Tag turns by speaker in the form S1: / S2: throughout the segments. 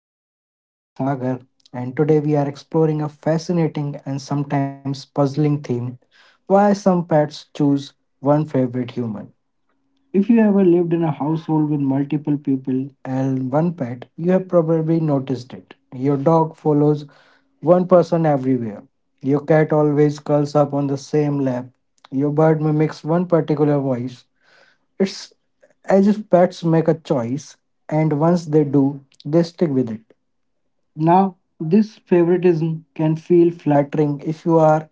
S1: Viz. I'm your host Sagar, and today we are exploring a fascinating and sometimes puzzling theme why some pets choose one favorite human. If you ever lived in a household with multiple people and one pet, you have probably noticed it. Your dog follows one person everywhere. Your cat always curls up on the same lap. Your bird mimics one particular voice. It's as if pets make a choice, and once they do, they stick with it. Now, this favoritism can feel flattering if you are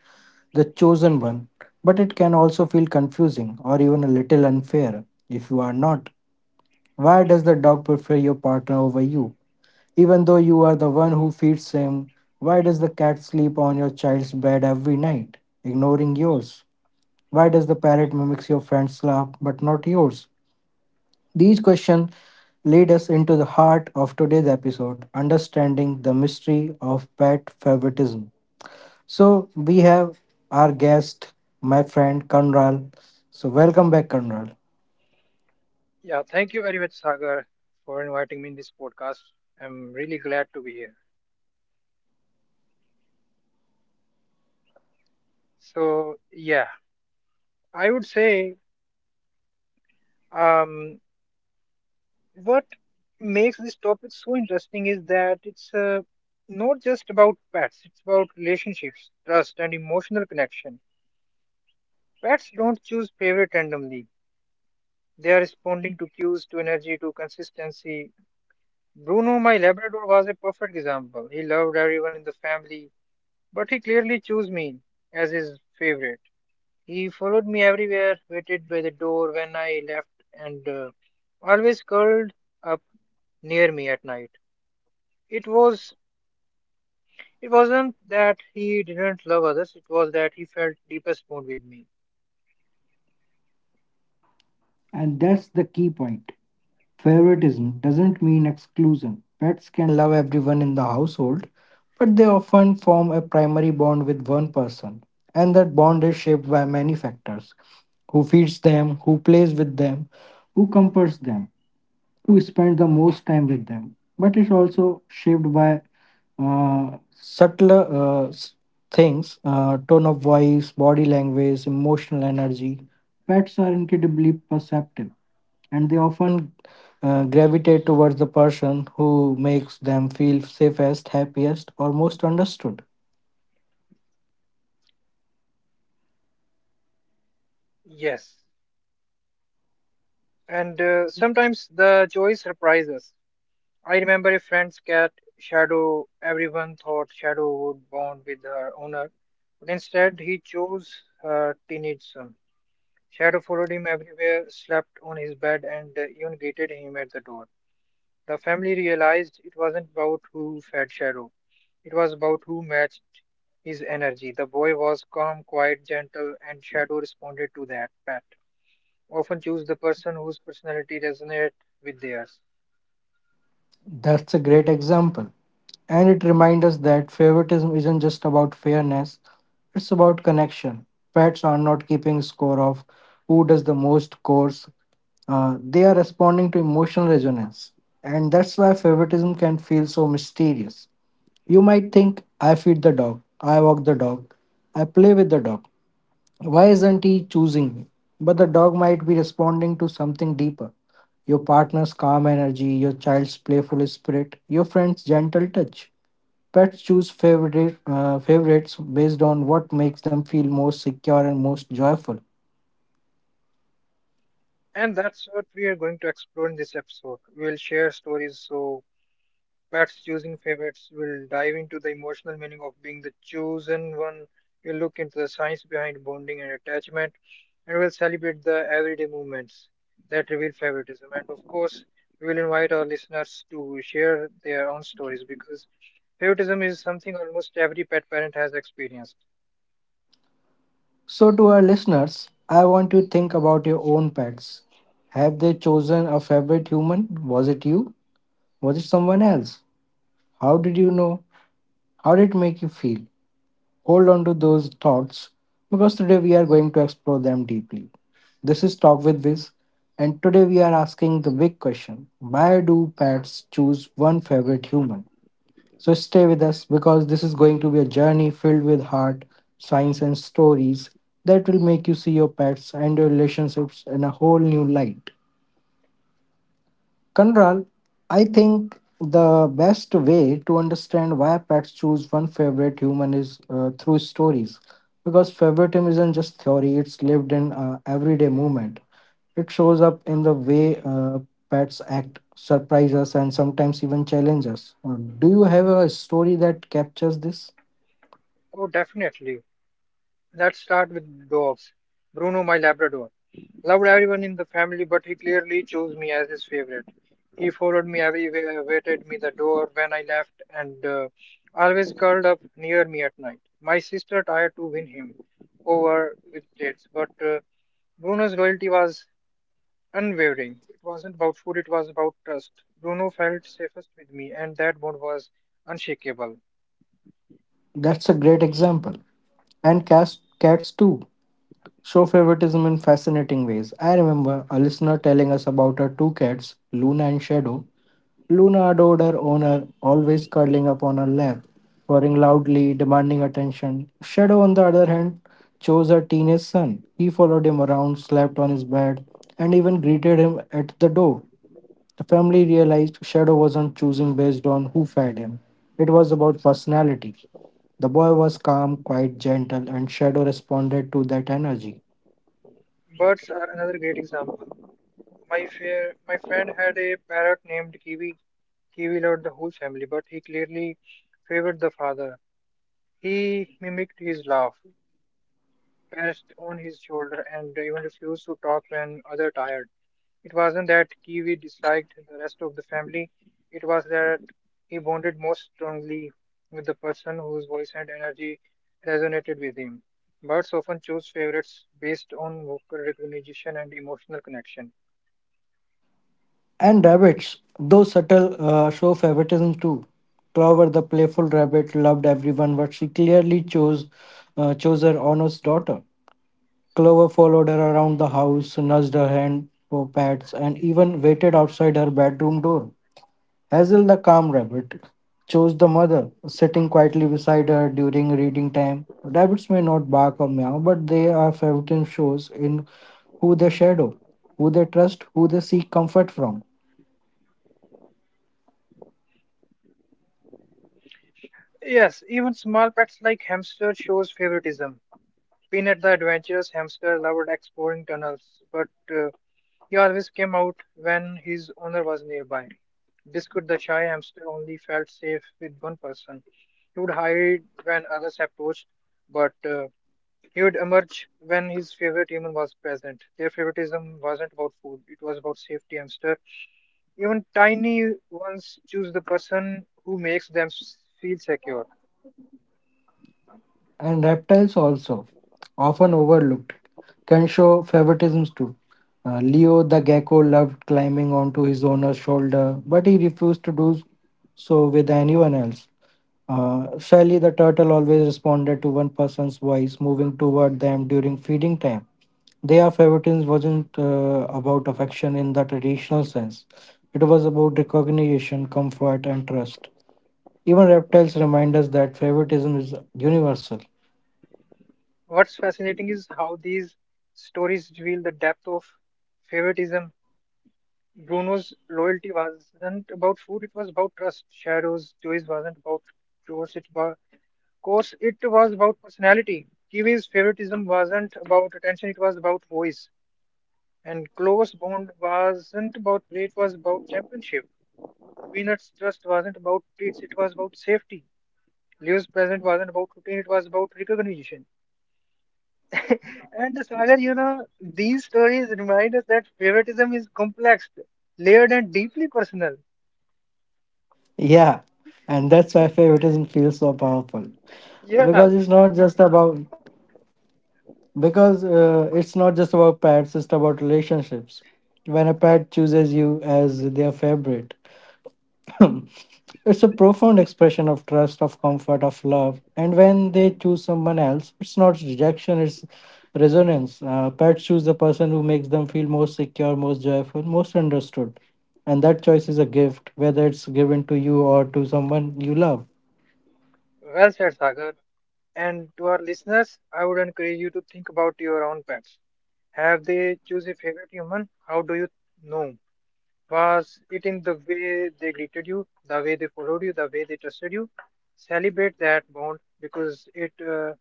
S1: the chosen one, but it can also feel confusing or even a little unfair if you are not. Why does the dog prefer your partner over you? Even though you are the one who feeds him, why does the cat sleep on your child's bed every night, ignoring yours? Why does the parrot mimics your friend's laugh but not yours? These questions lead us into the heart of today's episode, understanding the mystery of pet favoritism. So we have our guest, my friend Kanral. So welcome back, Kanral.
S2: Yeah, thank you very much, Sagar, for inviting me in this podcast. I'm really glad to be here. So, yeah, I would say um, what makes this topic so interesting is that it's not just about pets, it's about relationships, trust, and emotional connection. Pets don't choose favorite randomly. They are responding to cues, to energy, to consistency. Bruno, my Labrador, was a perfect example. He loved everyone in the family, but he clearly chose me as his favorite. He followed me everywhere, waited by the door when I left, and always curled up near me at night. It was it wasn't that he didn't love others; it was that he felt deepest bond with me.
S1: And that's the key point. Favoritism doesn't mean exclusion. Pets can love everyone in the household, but they often form a primary bond with one person, and that bond is shaped by many factors who feeds them, who plays with them, who comforts them. Who spend the most time with them. But it's also shaped by subtler things, tone of voice, body language, emotional energy. Pets are incredibly perceptive and they often gravitate towards the person who makes them feel safest, happiest, or most understood.
S2: Yes, and sometimes the joy surprises us. I remember a friend's cat, Shadow. Everyone thought Shadow would bond with her owner, but instead he chose her teenage son. Shadow followed him everywhere, slept on his bed, and even greeted him at the door. The family realized it wasn't about who fed Shadow, it was about who matched his energy. The boy was calm, quiet, gentle, and Shadow responded to that pat. Often choose the person whose personality resonates with theirs.
S1: That's a great example. And it reminds us that favoritism isn't just about fairness, it's about connection. Pets are not keeping score of who does the most chores. They are responding to emotional resonance. And that's why favoritism can feel so mysterious. You might think, I feed the dog, I walk the dog, I play with the dog. Why isn't he choosing me? But the dog might be responding to something deeper, your partner's calm energy, your child's playful spirit, your friend's gentle touch. Pets choose favorites based on what makes them feel most secure and most joyful.
S2: And that's what we are going to explore in this episode. We will share stories so pets choosing favorites will dive into the emotional meaning of being the chosen one. We'll look into the science behind bonding and attachment, and we'll celebrate the everyday movements that reveal favoritism. And of course, we will invite our listeners to share their own stories because favoritism is something almost every pet parent has experienced.
S1: So, to our listeners, I want you to think about your own pets. Have they chosen a favorite human? Was it you? Was it someone else? How did you know? How did it make you feel? Hold on to those thoughts because today we are going to explore them deeply. This is Talk with Viz, and today we are asking the big question, why do pets choose one favorite human? So stay with us because this is going to be a journey filled with heart, science, and stories that will make you see your pets and your relationships in a whole new light. Kanral, I think the best way to understand why pets choose one favorite human is through stories. Because favoritism isn't just theory, it's lived in everyday movement. It shows up in the way pets act, surprise us, and sometimes even challenge us. Do you have a story that captures this?
S2: Oh, definitely. Let's start with dogs. Bruno, my Labrador, loved everyone in the family, but he clearly chose me as his favorite. He followed me everywhere, waited me the door when I left, and always curled up near me at night. My sister tried to win him over with dates, but Bruno's loyalty was unwavering. It wasn't about food; it was about trust. Bruno felt safest with me, and that bond was unshakable.
S1: That's a great example. And cats too show favoritism in fascinating ways. I remember a listener telling us about her two cats, Luna and Shadow. Luna adored her owner, always cuddling up on her lap, purring loudly, demanding attention. Shadow, on the other hand, chose her teenage son. He followed him around, slept on his bed, and even greeted him at the door. The family realized Shadow wasn't choosing based on who fed him, it was about personality. The boy was calm, quite gentle, and Shadow responded to that energy.
S2: Birds are another great example. My friend had a parrot named Kiwi. Kiwi loved the whole family, but he clearly favored the father. He mimicked his laugh, perched on his shoulder, and even refused to talk when others tired. It wasn't that Kiwi disliked the rest of the family; it was that he bonded most strongly with the person whose voice and energy resonated with him. Birds often choose favorites based on vocal recognition and emotional connection.
S1: And rabbits, though subtle, show favoritism too. Clover, the playful rabbit, loved everyone, but she clearly chose her honest daughter. Clover followed her around the house, nudged her hand for pets, and even waited outside her bedroom door. Hazel the calm rabbit chose the mother, sitting quietly beside her during reading time. Rabbits may not bark or meow, but they are everything shows in who they shadow, who they trust, who they seek comfort from.
S2: Yes, even small pets like hamster shows favoritism. Peanut the adventurous hamster loved exploring tunnels, but uh, he always came out when his owner was nearby. Biscuit the shy hamster only felt safe with one person. He would hide when others approached, but he would emerge when his favorite human was present. Their favoritism wasn't about food, it was about safety hamster. Even tiny ones choose the person who makes them feel secure.
S1: And reptiles also, often overlooked, can show favoritisms too. Leo the gecko loved climbing onto his owner's shoulder, but he refused to do so with anyone else. Sally the turtle always responded to one person's voice moving toward them during feeding time. Their favoritism wasn't about affection in the traditional sense, it was about recognition, comfort, and trust. Even reptiles remind us that favoritism is universal.
S2: What's fascinating is how these stories reveal the depth of favoritism. Bruno's loyalty wasn't about food, it was about trust. Shadow's choice wasn't about chores, it was course, it was about personality. Kiwi's favoritism wasn't about attention, it was about voice. And close bond wasn't about play, it was about championship. Peanut's trust wasn't about treats, it was about safety. Leo's present wasn't about routine, it was about recognition. And Sagar, you know, these stories remind us that favoritism is complex, layered, and deeply personal.
S1: Yeah, and that's why favoritism feels so powerful
S2: Yeah,
S1: because it's not just about because it's not just about pets, it's about relationships. When a pet chooses you as their favorite, it's a profound expression of trust, of comfort, of love. And when they choose someone else, it's not rejection, it's resonance. Pets choose the person who makes them feel most secure, most joyful, most understood. And that choice is a gift, whether it's given to you or to someone you love.
S2: well said, Sagar. And to our listeners, I would encourage you to think about your own pets. Have they choose a favorite human? How do you know? Was it in the way they greeted you, the way they followed you, the way they trusted you? Celebrate that bond because it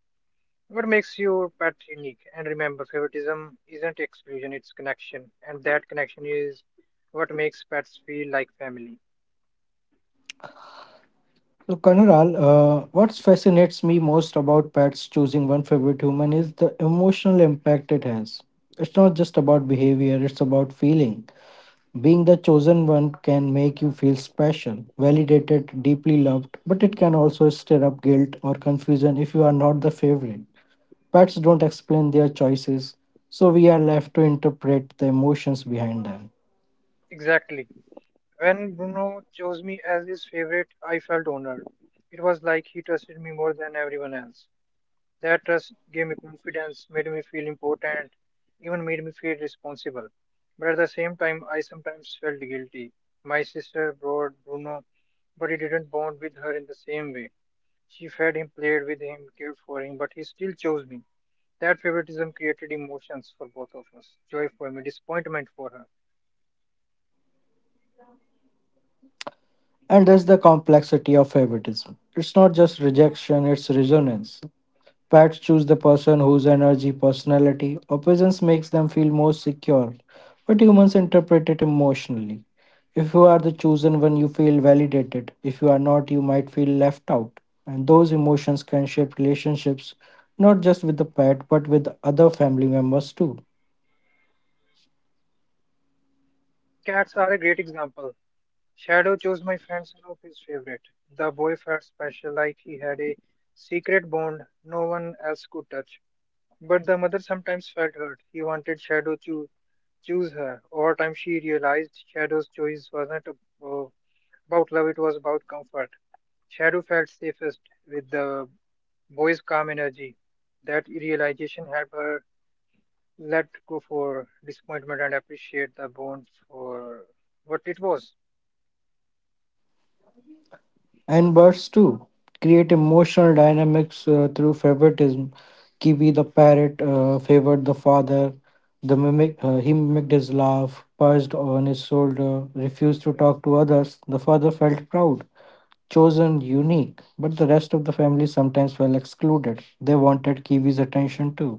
S2: what makes your pet unique? And remember, favoritism isn't exclusion, it's connection. And that connection is what makes pets feel like family.
S1: So, Kanural, what fascinates me most about pets choosing one favorite human is the emotional impact it has. It's not just about behavior, it's about feeling. Being the chosen one can make you feel special, validated, deeply loved, but it can also stir up guilt or confusion if you are not the favorite. Pets don't explain their choices, so we are left to interpret the emotions behind them.
S2: Exactly. When Bruno chose me as his favorite, I felt honored. It was like he trusted me more than everyone else. That trust gave me confidence, made me feel important, even made me feel responsible. But at the same time, I sometimes felt guilty. My sister brought Bruno, but he didn't bond with her in the same way. She fed him played with him, cared for him, but he still chose me. That favoritism created emotions for both of us joy for me, disappointment for her.
S1: And that's the complexity of favoritism. It's not just rejection, it's resonance. Pets choose the person whose energy, personality, or presence makes them feel most secure, but humans interpret it emotionally. If you are the chosen one, you feel validated. If you are not, you might feel left out. And those emotions can shape relationships, not just with the pet, but with other family members too.
S2: Cats are a great example. Shadow chose my friend, son of his favorite. The boy felt special, like he had a secret bond no one else could touch. But the mother sometimes felt hurt. He wanted Shadow to choose her. Over time, she realized Shadow's choice wasn't uh, about love, it was about comfort. Shadow felt safest with the boy's calm energy. That realization helped her let go for disappointment and appreciate the bond for what it was.
S1: And birds too create emotional dynamics through favoritism. Kiwi the parrot favored the father. The mimic He mimicked his laugh, perched on his shoulder, refused to talk to others. The father felt proud, chosen, unique, but the rest of the family sometimes felt excluded. They wanted Kiwi's attention too.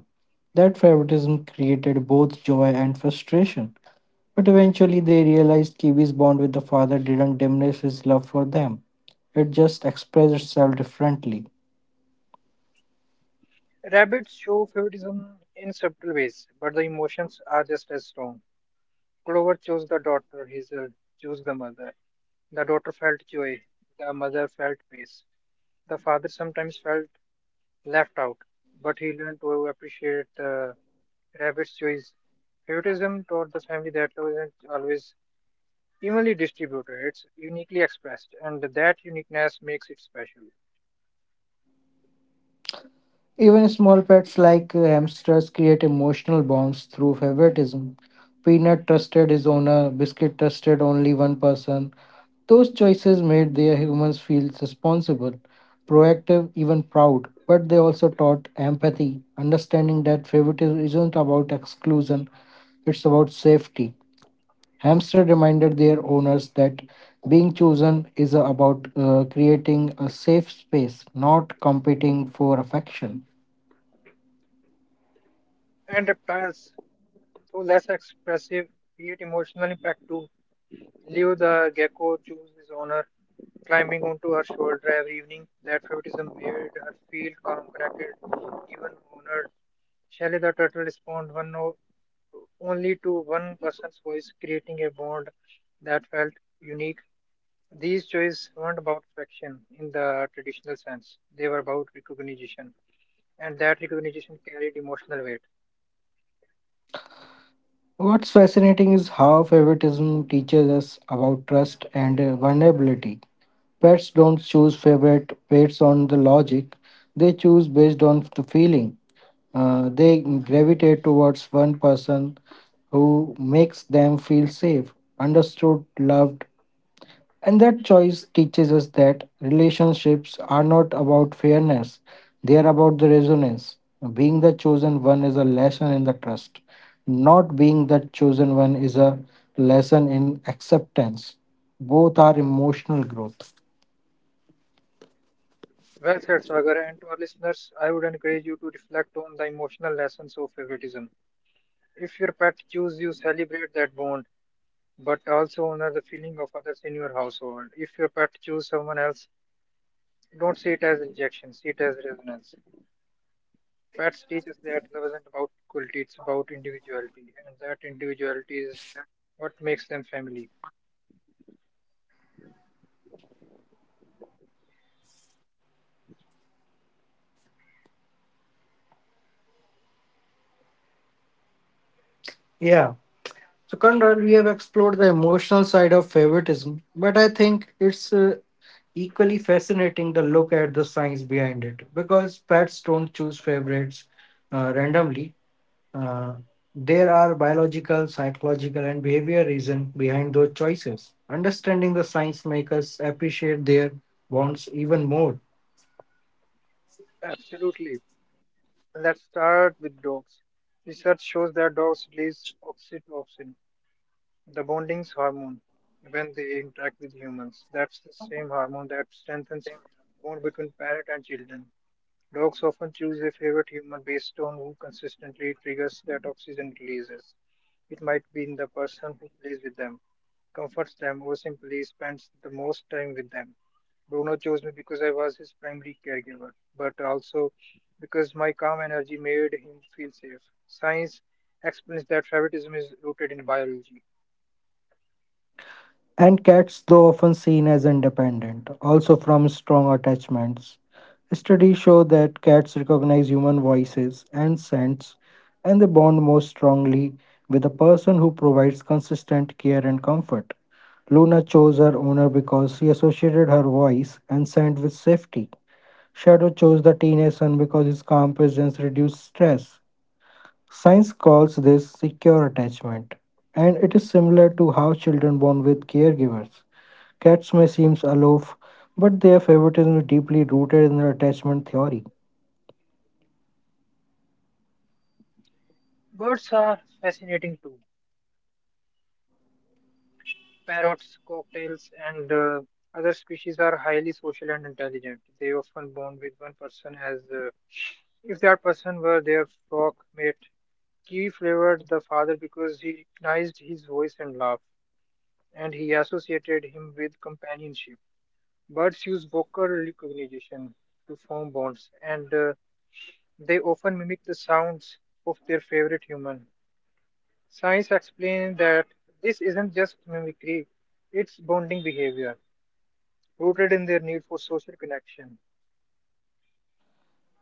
S1: That favoritism created both joy and frustration. But eventually they realized Kiwi's bond with the father didn't diminish his love for them. It just expressed itself differently.
S2: Rabbits show favoritism in subtle ways, but the emotions are just as strong. Clover chose the daughter, Hazel chose the mother. The daughter felt joy, the mother felt peace. The father sometimes felt left out, but he learned to appreciate the rabbit's choice. Favoritism taught the family that love isn't always evenly distributed, it's uniquely expressed, and that uniqueness makes it special.
S1: Even small pets like hamsters create emotional bonds through favoritism. Peanut trusted his owner, Biscuit trusted only one person. Those choices made their humans feel responsible, proactive, even proud. But they also taught empathy, understanding that favoritism isn't about exclusion, it's about safety. Hamster reminded their owners that being chosen is about creating a safe space, not competing for affection.
S2: And reptiles, though less expressive, create emotional impact too. Leo the gecko chose his owner, climbing onto her shoulder every evening. That favoritism made her feel calm, connected, even honored. Shelley the turtle responded only to one person's voice, creating a bond that felt unique. These choices weren't about affection in the traditional sense. They were about recognition, and that recognition carried emotional weight.
S1: What's fascinating is how favoritism teaches us about trust and vulnerability. Pets don't choose favorite pets on the logic, they choose based on the feeling. They gravitate towards one person who makes them feel safe, understood, loved, and that choice teaches us that relationships are not about fairness, they are about the resonance. Being the chosen one is a lesson in the trust. Not being the chosen one is a lesson in acceptance. Both are emotional growth.
S2: Well said, Sagar, and to our listeners, I would encourage you to reflect on the emotional lessons of favoritism. If your pet chooses you, celebrate that bond, but also honor the feeling of others in your household. If your pet chooses someone else, don't see it as rejection, see it as resonance. Pets teach us that love isn't about equality, it's about individuality, and that individuality is what makes them family.
S1: Yeah. So, Conrad, we have explored the emotional side of favoritism, but I think it's equally fascinating to look at the science behind it because pets don't choose favorites randomly. Uh, there are biological, psychological, and behavior reasons behind those choices. Understanding the science makes us appreciate their bonds even more.
S2: Absolutely. Let's start with dogs. Research shows that dogs release oxytocin, the bonding hormone, when they interact with humans. That's the same hormone that strengthens bond between parent and children. Dogs often choose a favorite human based on who consistently triggers their toxin releases. It might be in the person who plays with them, comforts them, or simply spends the most time with them. Bruno chose me because I was his primary caregiver, but also because my calm energy made him feel safe. Science explains that favoritism is rooted in biology.
S1: And cats, though often seen as independent, also from strong attachments. Studies show that cats recognize human voices and scents, and they bond most strongly with a person who provides consistent care and comfort. Luna chose her owner because she associated her voice and scent with safety. Shadow chose the teenage son because his calm presence reduced stress. Science calls this secure attachment, and it is similar to how children bond with caregivers. Cats may seem aloof, but their favoritism is deeply rooted in their attachment theory.
S2: Birds are fascinating too. Parrots, cocktails, and other species are highly social and intelligent. They often bond with one person as if that person were their flock mate. Kiwi favored the father because he recognized his voice and laugh, and he associated him with companionship. Birds use vocal recognition to form bonds, and they often mimic the sounds of their favorite human. Science explains that this isn't just mimicry, it's bonding behavior, rooted in their need for social connection.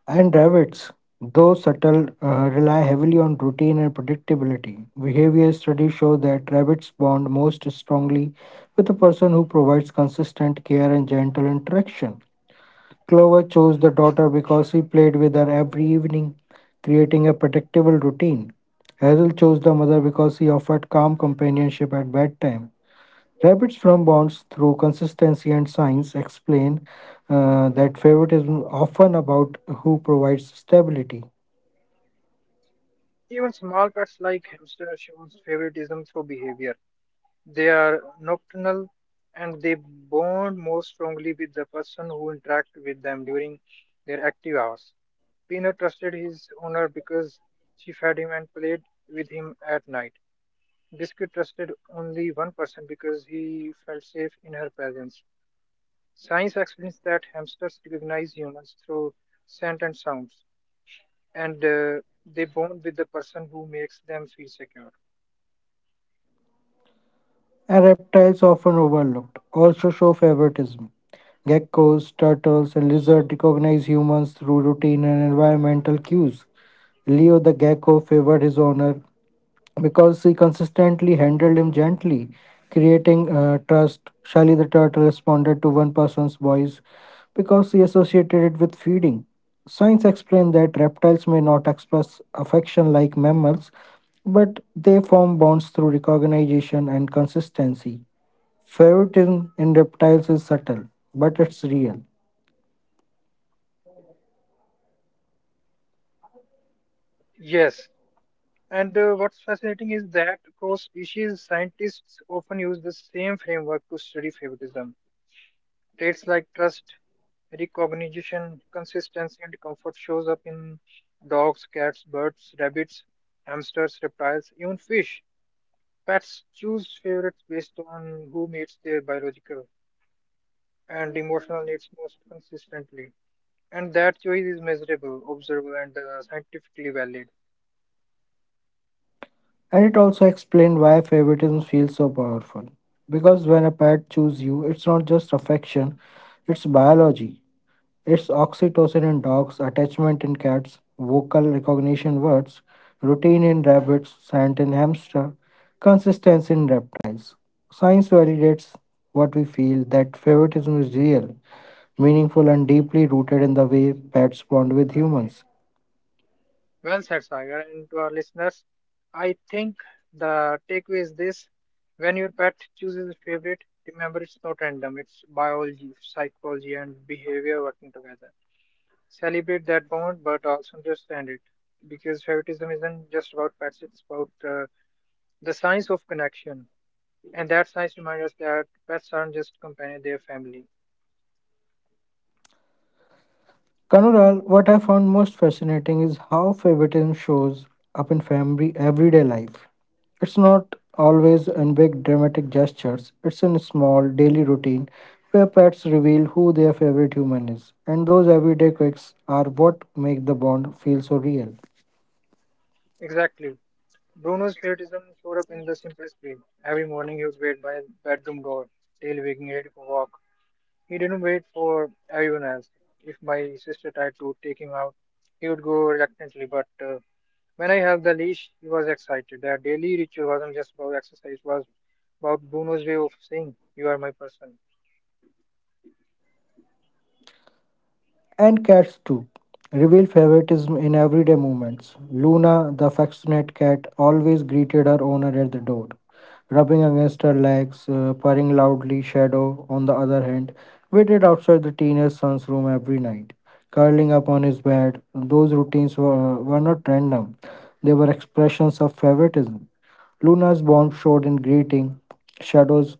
S1: And rabbits, though subtle, rely heavily on routine and predictability. Behavior studies show that rabbits bond most strongly with a person who provides consistent care and gentle interaction. Clover chose the daughter because he played with her every evening, creating a predictable routine. Hazel chose the mother because he offered calm companionship at bedtime. Rabbits from bonds through consistency and science explain that favoritism is often about who provides stability.
S2: Even small pets like hamster shows favoritism through behavior. They are nocturnal and they bond more strongly with the person who interacts with them during their active hours. Peanut trusted his owner because she fed him and played with him at night. Biscuit trusted only one person because he felt safe in her presence. Science explains that hamsters recognize humans through scent and sounds, and they bond with the person who makes them feel secure.
S1: And reptiles, often overlooked, also show favoritism. Geckos, turtles, and lizards recognize humans through routine and environmental cues. Leo the gecko favored his owner because she consistently handled him gently, creating trust. Shelly the turtle responded to one person's voice because she associated it with feeding. Science explained that reptiles may not express affection like mammals, but they form bonds through recognition and consistency. Favoritism in reptiles is subtle, but it's real.
S2: Yes, and what's fascinating is that cross species scientists often use the same framework to study favoritism. Traits like trust, recognition, consistency, and comfort shows up in dogs, cats, birds, rabbits, hamsters, reptiles, even fish. Pets choose favorites based on who meets their biological and emotional needs most consistently. And that choice is measurable, observable, and scientifically valid.
S1: And it also explained why favoritism feels so powerful. Because when a pet chooses you, it's not just affection, it's biology. It's oxytocin in dogs, attachment in cats, vocal recognition words, routine in rabbits, scent in hamster, consistency in reptiles. Science validates what we feel that favoritism is real, meaningful, and deeply rooted in the way pets bond with humans.
S2: Well said, Sagar. And to our listeners, I think the takeaway is this when your pet chooses a favorite, remember it's not random, it's biology, psychology, and behavior working together. Celebrate that bond, but also understand it because favoritism isn't just about pets, it's about the science of connection. And that science reminds us that pets aren't just companions, they're family.
S1: Kanural, what I found most fascinating is how favoritism shows up in family everyday life. It's not always in big dramatic gestures, it's in small daily routine where pets reveal who their favorite human is. And those everyday quirks are what make the bond feel so real.
S2: Exactly. Bruno's patriotism showed up in the simplest way. Every morning he would wait by his bedroom door, tail wagging ready for walk. He didn't wait for everyone else. If my sister tried to take him out, he would go reluctantly. But when I held the leash, he was excited. Their daily ritual wasn't just about exercise, it was about Bruno's way of saying, you are my person.
S1: And cats too reveal favoritism in everyday moments. Luna, the affectionate cat, always greeted her owner at the door, rubbing against her legs, purring loudly. Shadow, on the other hand, waited outside the teenage son's room every night, curling up on his bed. Those routines were not random, they were expressions of favoritism. Luna's bond showed in greeting, Shadow's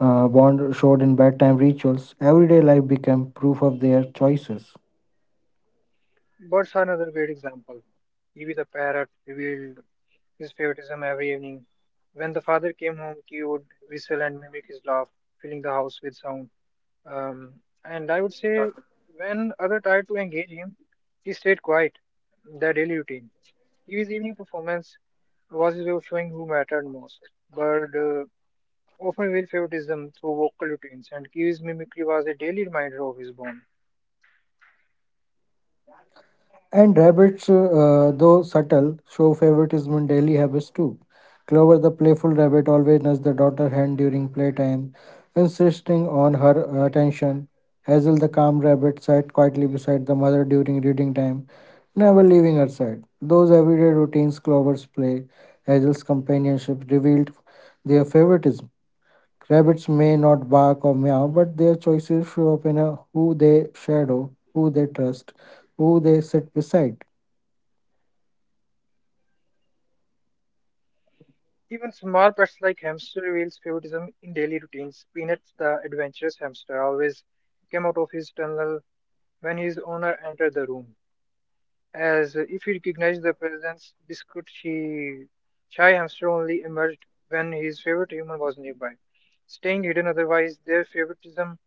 S1: bond showed in bedtime rituals. Everyday life became proof of their choices.
S2: Birds are another great example. Evie the parrot revealed his favoritism every evening. When the father came home, he would whistle and mimic his laugh, filling the house with sound. Um, and I would say When other tried to engage him, he stayed quiet. Their daily routine. His evening performance was his way of showing who mattered most. Bird Often revealed favoritism through vocal routines, and Kiwi's mimicry was a daily reminder of his bond.
S1: And rabbits, though subtle, show favoritism in daily habits too. Clover, the playful rabbit, always nudges the daughter hen during playtime, insisting on her attention. Hazel, the calm rabbit, sat quietly beside the mother during reading time, never leaving her side. Those everyday routines, Clover's play, Hazel's companionship revealed their favoritism. Rabbits may not bark or meow, but their choices show up in a, who they shadow, who they trust, who they sit beside.
S2: Even small pets like hamster reveals favoritism in daily routines. Peanuts, the adventurous hamster, always came out of his tunnel when his owner entered the room, as if he recognized the presence biscuit he shy hamster only emerged when his favorite human was nearby, staying hidden otherwise their favoritism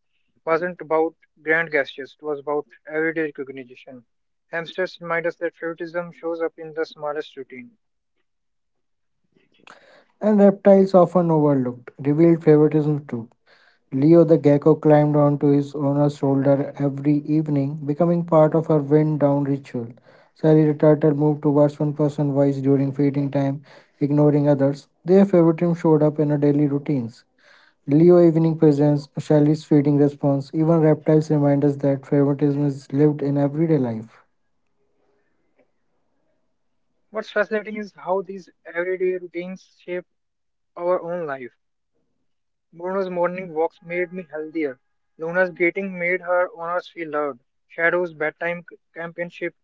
S2: wasn't about grand gestures, it was about everyday recognition. Hamsters remind us that favoritism shows up in the smallest routine.
S1: And reptiles, often overlooked, revealed favoritism too. Leo the gecko climbed onto his owner's shoulder every evening, becoming part of her wind down ritual. Sally the turtle moved towards one person wise during feeding time, ignoring others. Their favoritism showed up in her daily routines. Leo evening presence, Shelly's feeding response, even reptiles remind us that favoritism is lived in everyday life.
S2: What's fascinating is how these everyday routines shape our own life. Bruno's morning walks made me healthier. Luna's greeting made her owners feel loved. Shadow's bedtime companionship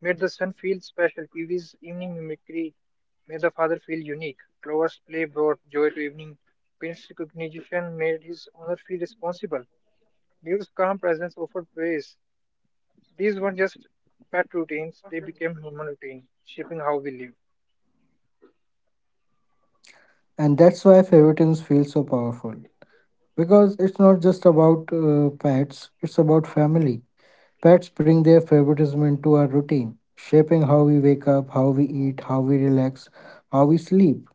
S2: made the son feel special, Peavy's evening mimicry made the father feel unique. Clover's play brought joy to evening. Prince's recognition made his owner feel responsible. Deal's calm presence offered praise. These weren't just pet routines, they became human routine, shaping how we live.
S1: And that's why favoritism feels so powerful. Because it's not just about pets, it's about family. Pets bring their favoritism into our routine, shaping how we wake up, how we eat, how we relax, how we sleep.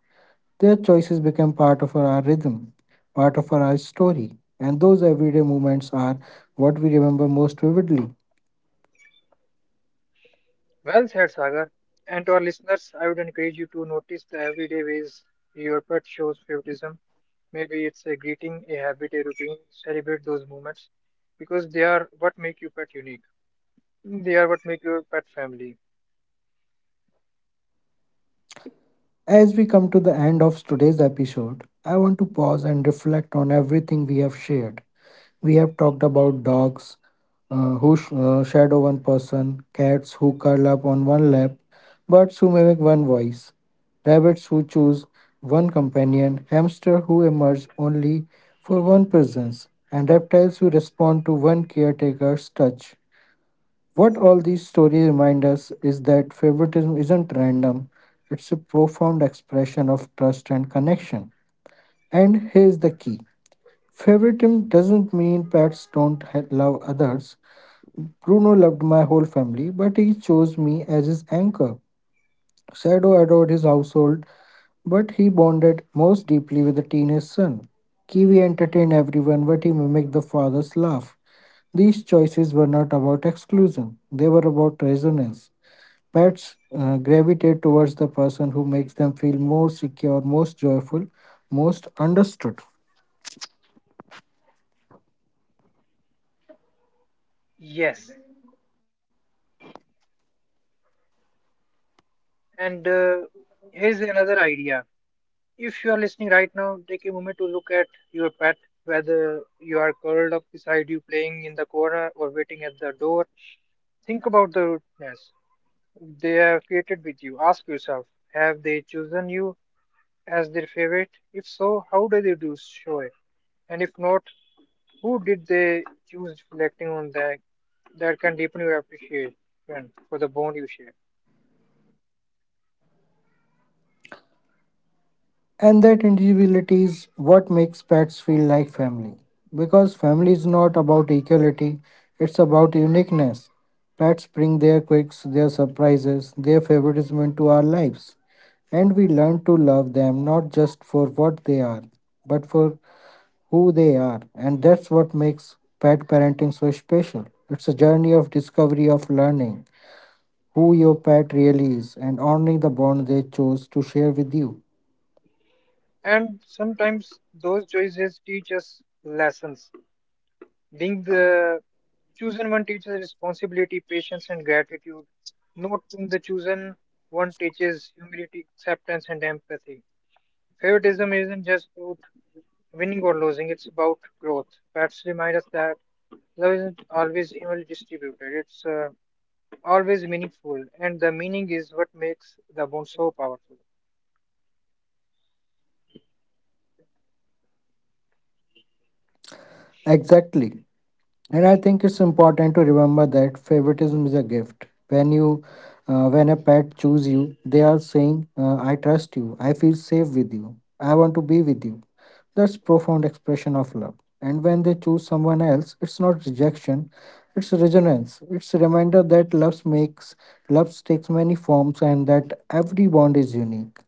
S1: Their choices become part of our rhythm, part of our story, and those everyday moments are what we remember most vividly.
S2: Well said, Sagar. And to our listeners, I would encourage you to notice the everyday ways your pet shows favoritism. Maybe it's a greeting, a habit, a routine. Celebrate those moments because they are what make your pet unique. They are what make your pet family.
S1: As we come to the end of today's episode, I want to pause and reflect on everything we have shared. We have talked about dogs, shadow one person, cats who curl up on one lap, birds who mimic one voice, rabbits who choose one companion, hamster who emerge only for one presence, and reptiles who respond to one caretaker's touch. What all these stories remind us is that favoritism isn't random, it's a profound expression of trust and connection. And here's the key. Favoritism doesn't mean pets don't love others. Bruno loved my whole family, but he chose me as his anchor. Shadow adored his household, but he bonded most deeply with the teenage son. Kiwi entertained everyone, but he mimicked the father's laugh. These choices were not about exclusion, they were about resonance. Pets gravitate towards the person who makes them feel more secure, most joyful, most understood.
S2: Yes. And here's another idea. If you are listening right now, take a moment to look at your pet, whether you are curled up beside you, playing in the corner, or waiting at the door. Think about the rootness they have created with you. Ask yourself, have they chosen you as their favorite? If so, how did they do show it? And if not, who did they choose? Reflecting on that, that can deepen your appreciation for the bond you share.
S1: And that individuality is what makes pets feel like family. Because family is not about equality, it's about uniqueness. Pets bring their quirks, their surprises, their favoritism into our lives. And we learn to love them not just for what they are, but for who they are. And that's what makes pet parenting so special. It's a journey of discovery, of learning who your pet really is, and honoring the bond they chose to share with you.
S2: And sometimes those choices teach us lessons. Being the chosen one teaches responsibility, patience, and gratitude. Not being the chosen one teaches humility, acceptance, and empathy. Favoritism isn't just about winning or losing, it's about growth. Pets remind us that love isn't always evenly distributed, it's always meaningful, and the meaning is what makes the bond so powerful.
S1: Exactly. And I think it's important to remember that favoritism is a gift. When a pet choose you, they are saying, "I trust you. I feel safe with you. I want to be with you." That's profound expression of love. And when they choose someone else, it's not rejection, it's resonance. It's a reminder that love takes many forms, and that every bond is unique.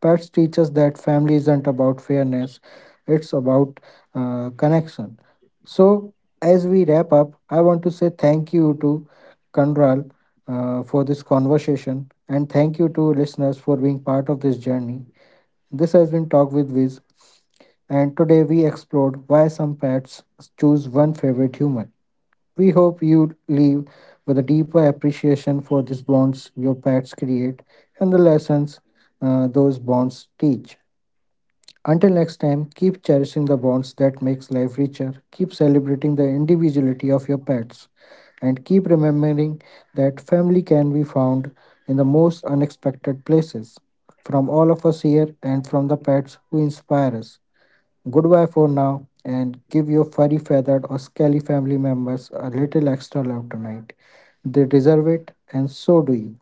S1: Pets teach us that family isn't about fairness; it's about connection. So, as we wrap up, I want to say thank you to Kandral for this conversation and thank you to listeners for being part of this journey. This has been Talk with Viz, and today we explored why some pets choose one favorite human. We hope you leave with a deeper appreciation for these bonds your pets create and the lessons those bonds teach. Until next time, keep cherishing the bonds that makes life richer, keep celebrating the individuality of your pets, and keep remembering that family can be found in the most unexpected places. From all of us here and from the pets who inspire us. Goodbye for now and give your furry feathered or scaly family members a little extra love tonight. They deserve it and so do you.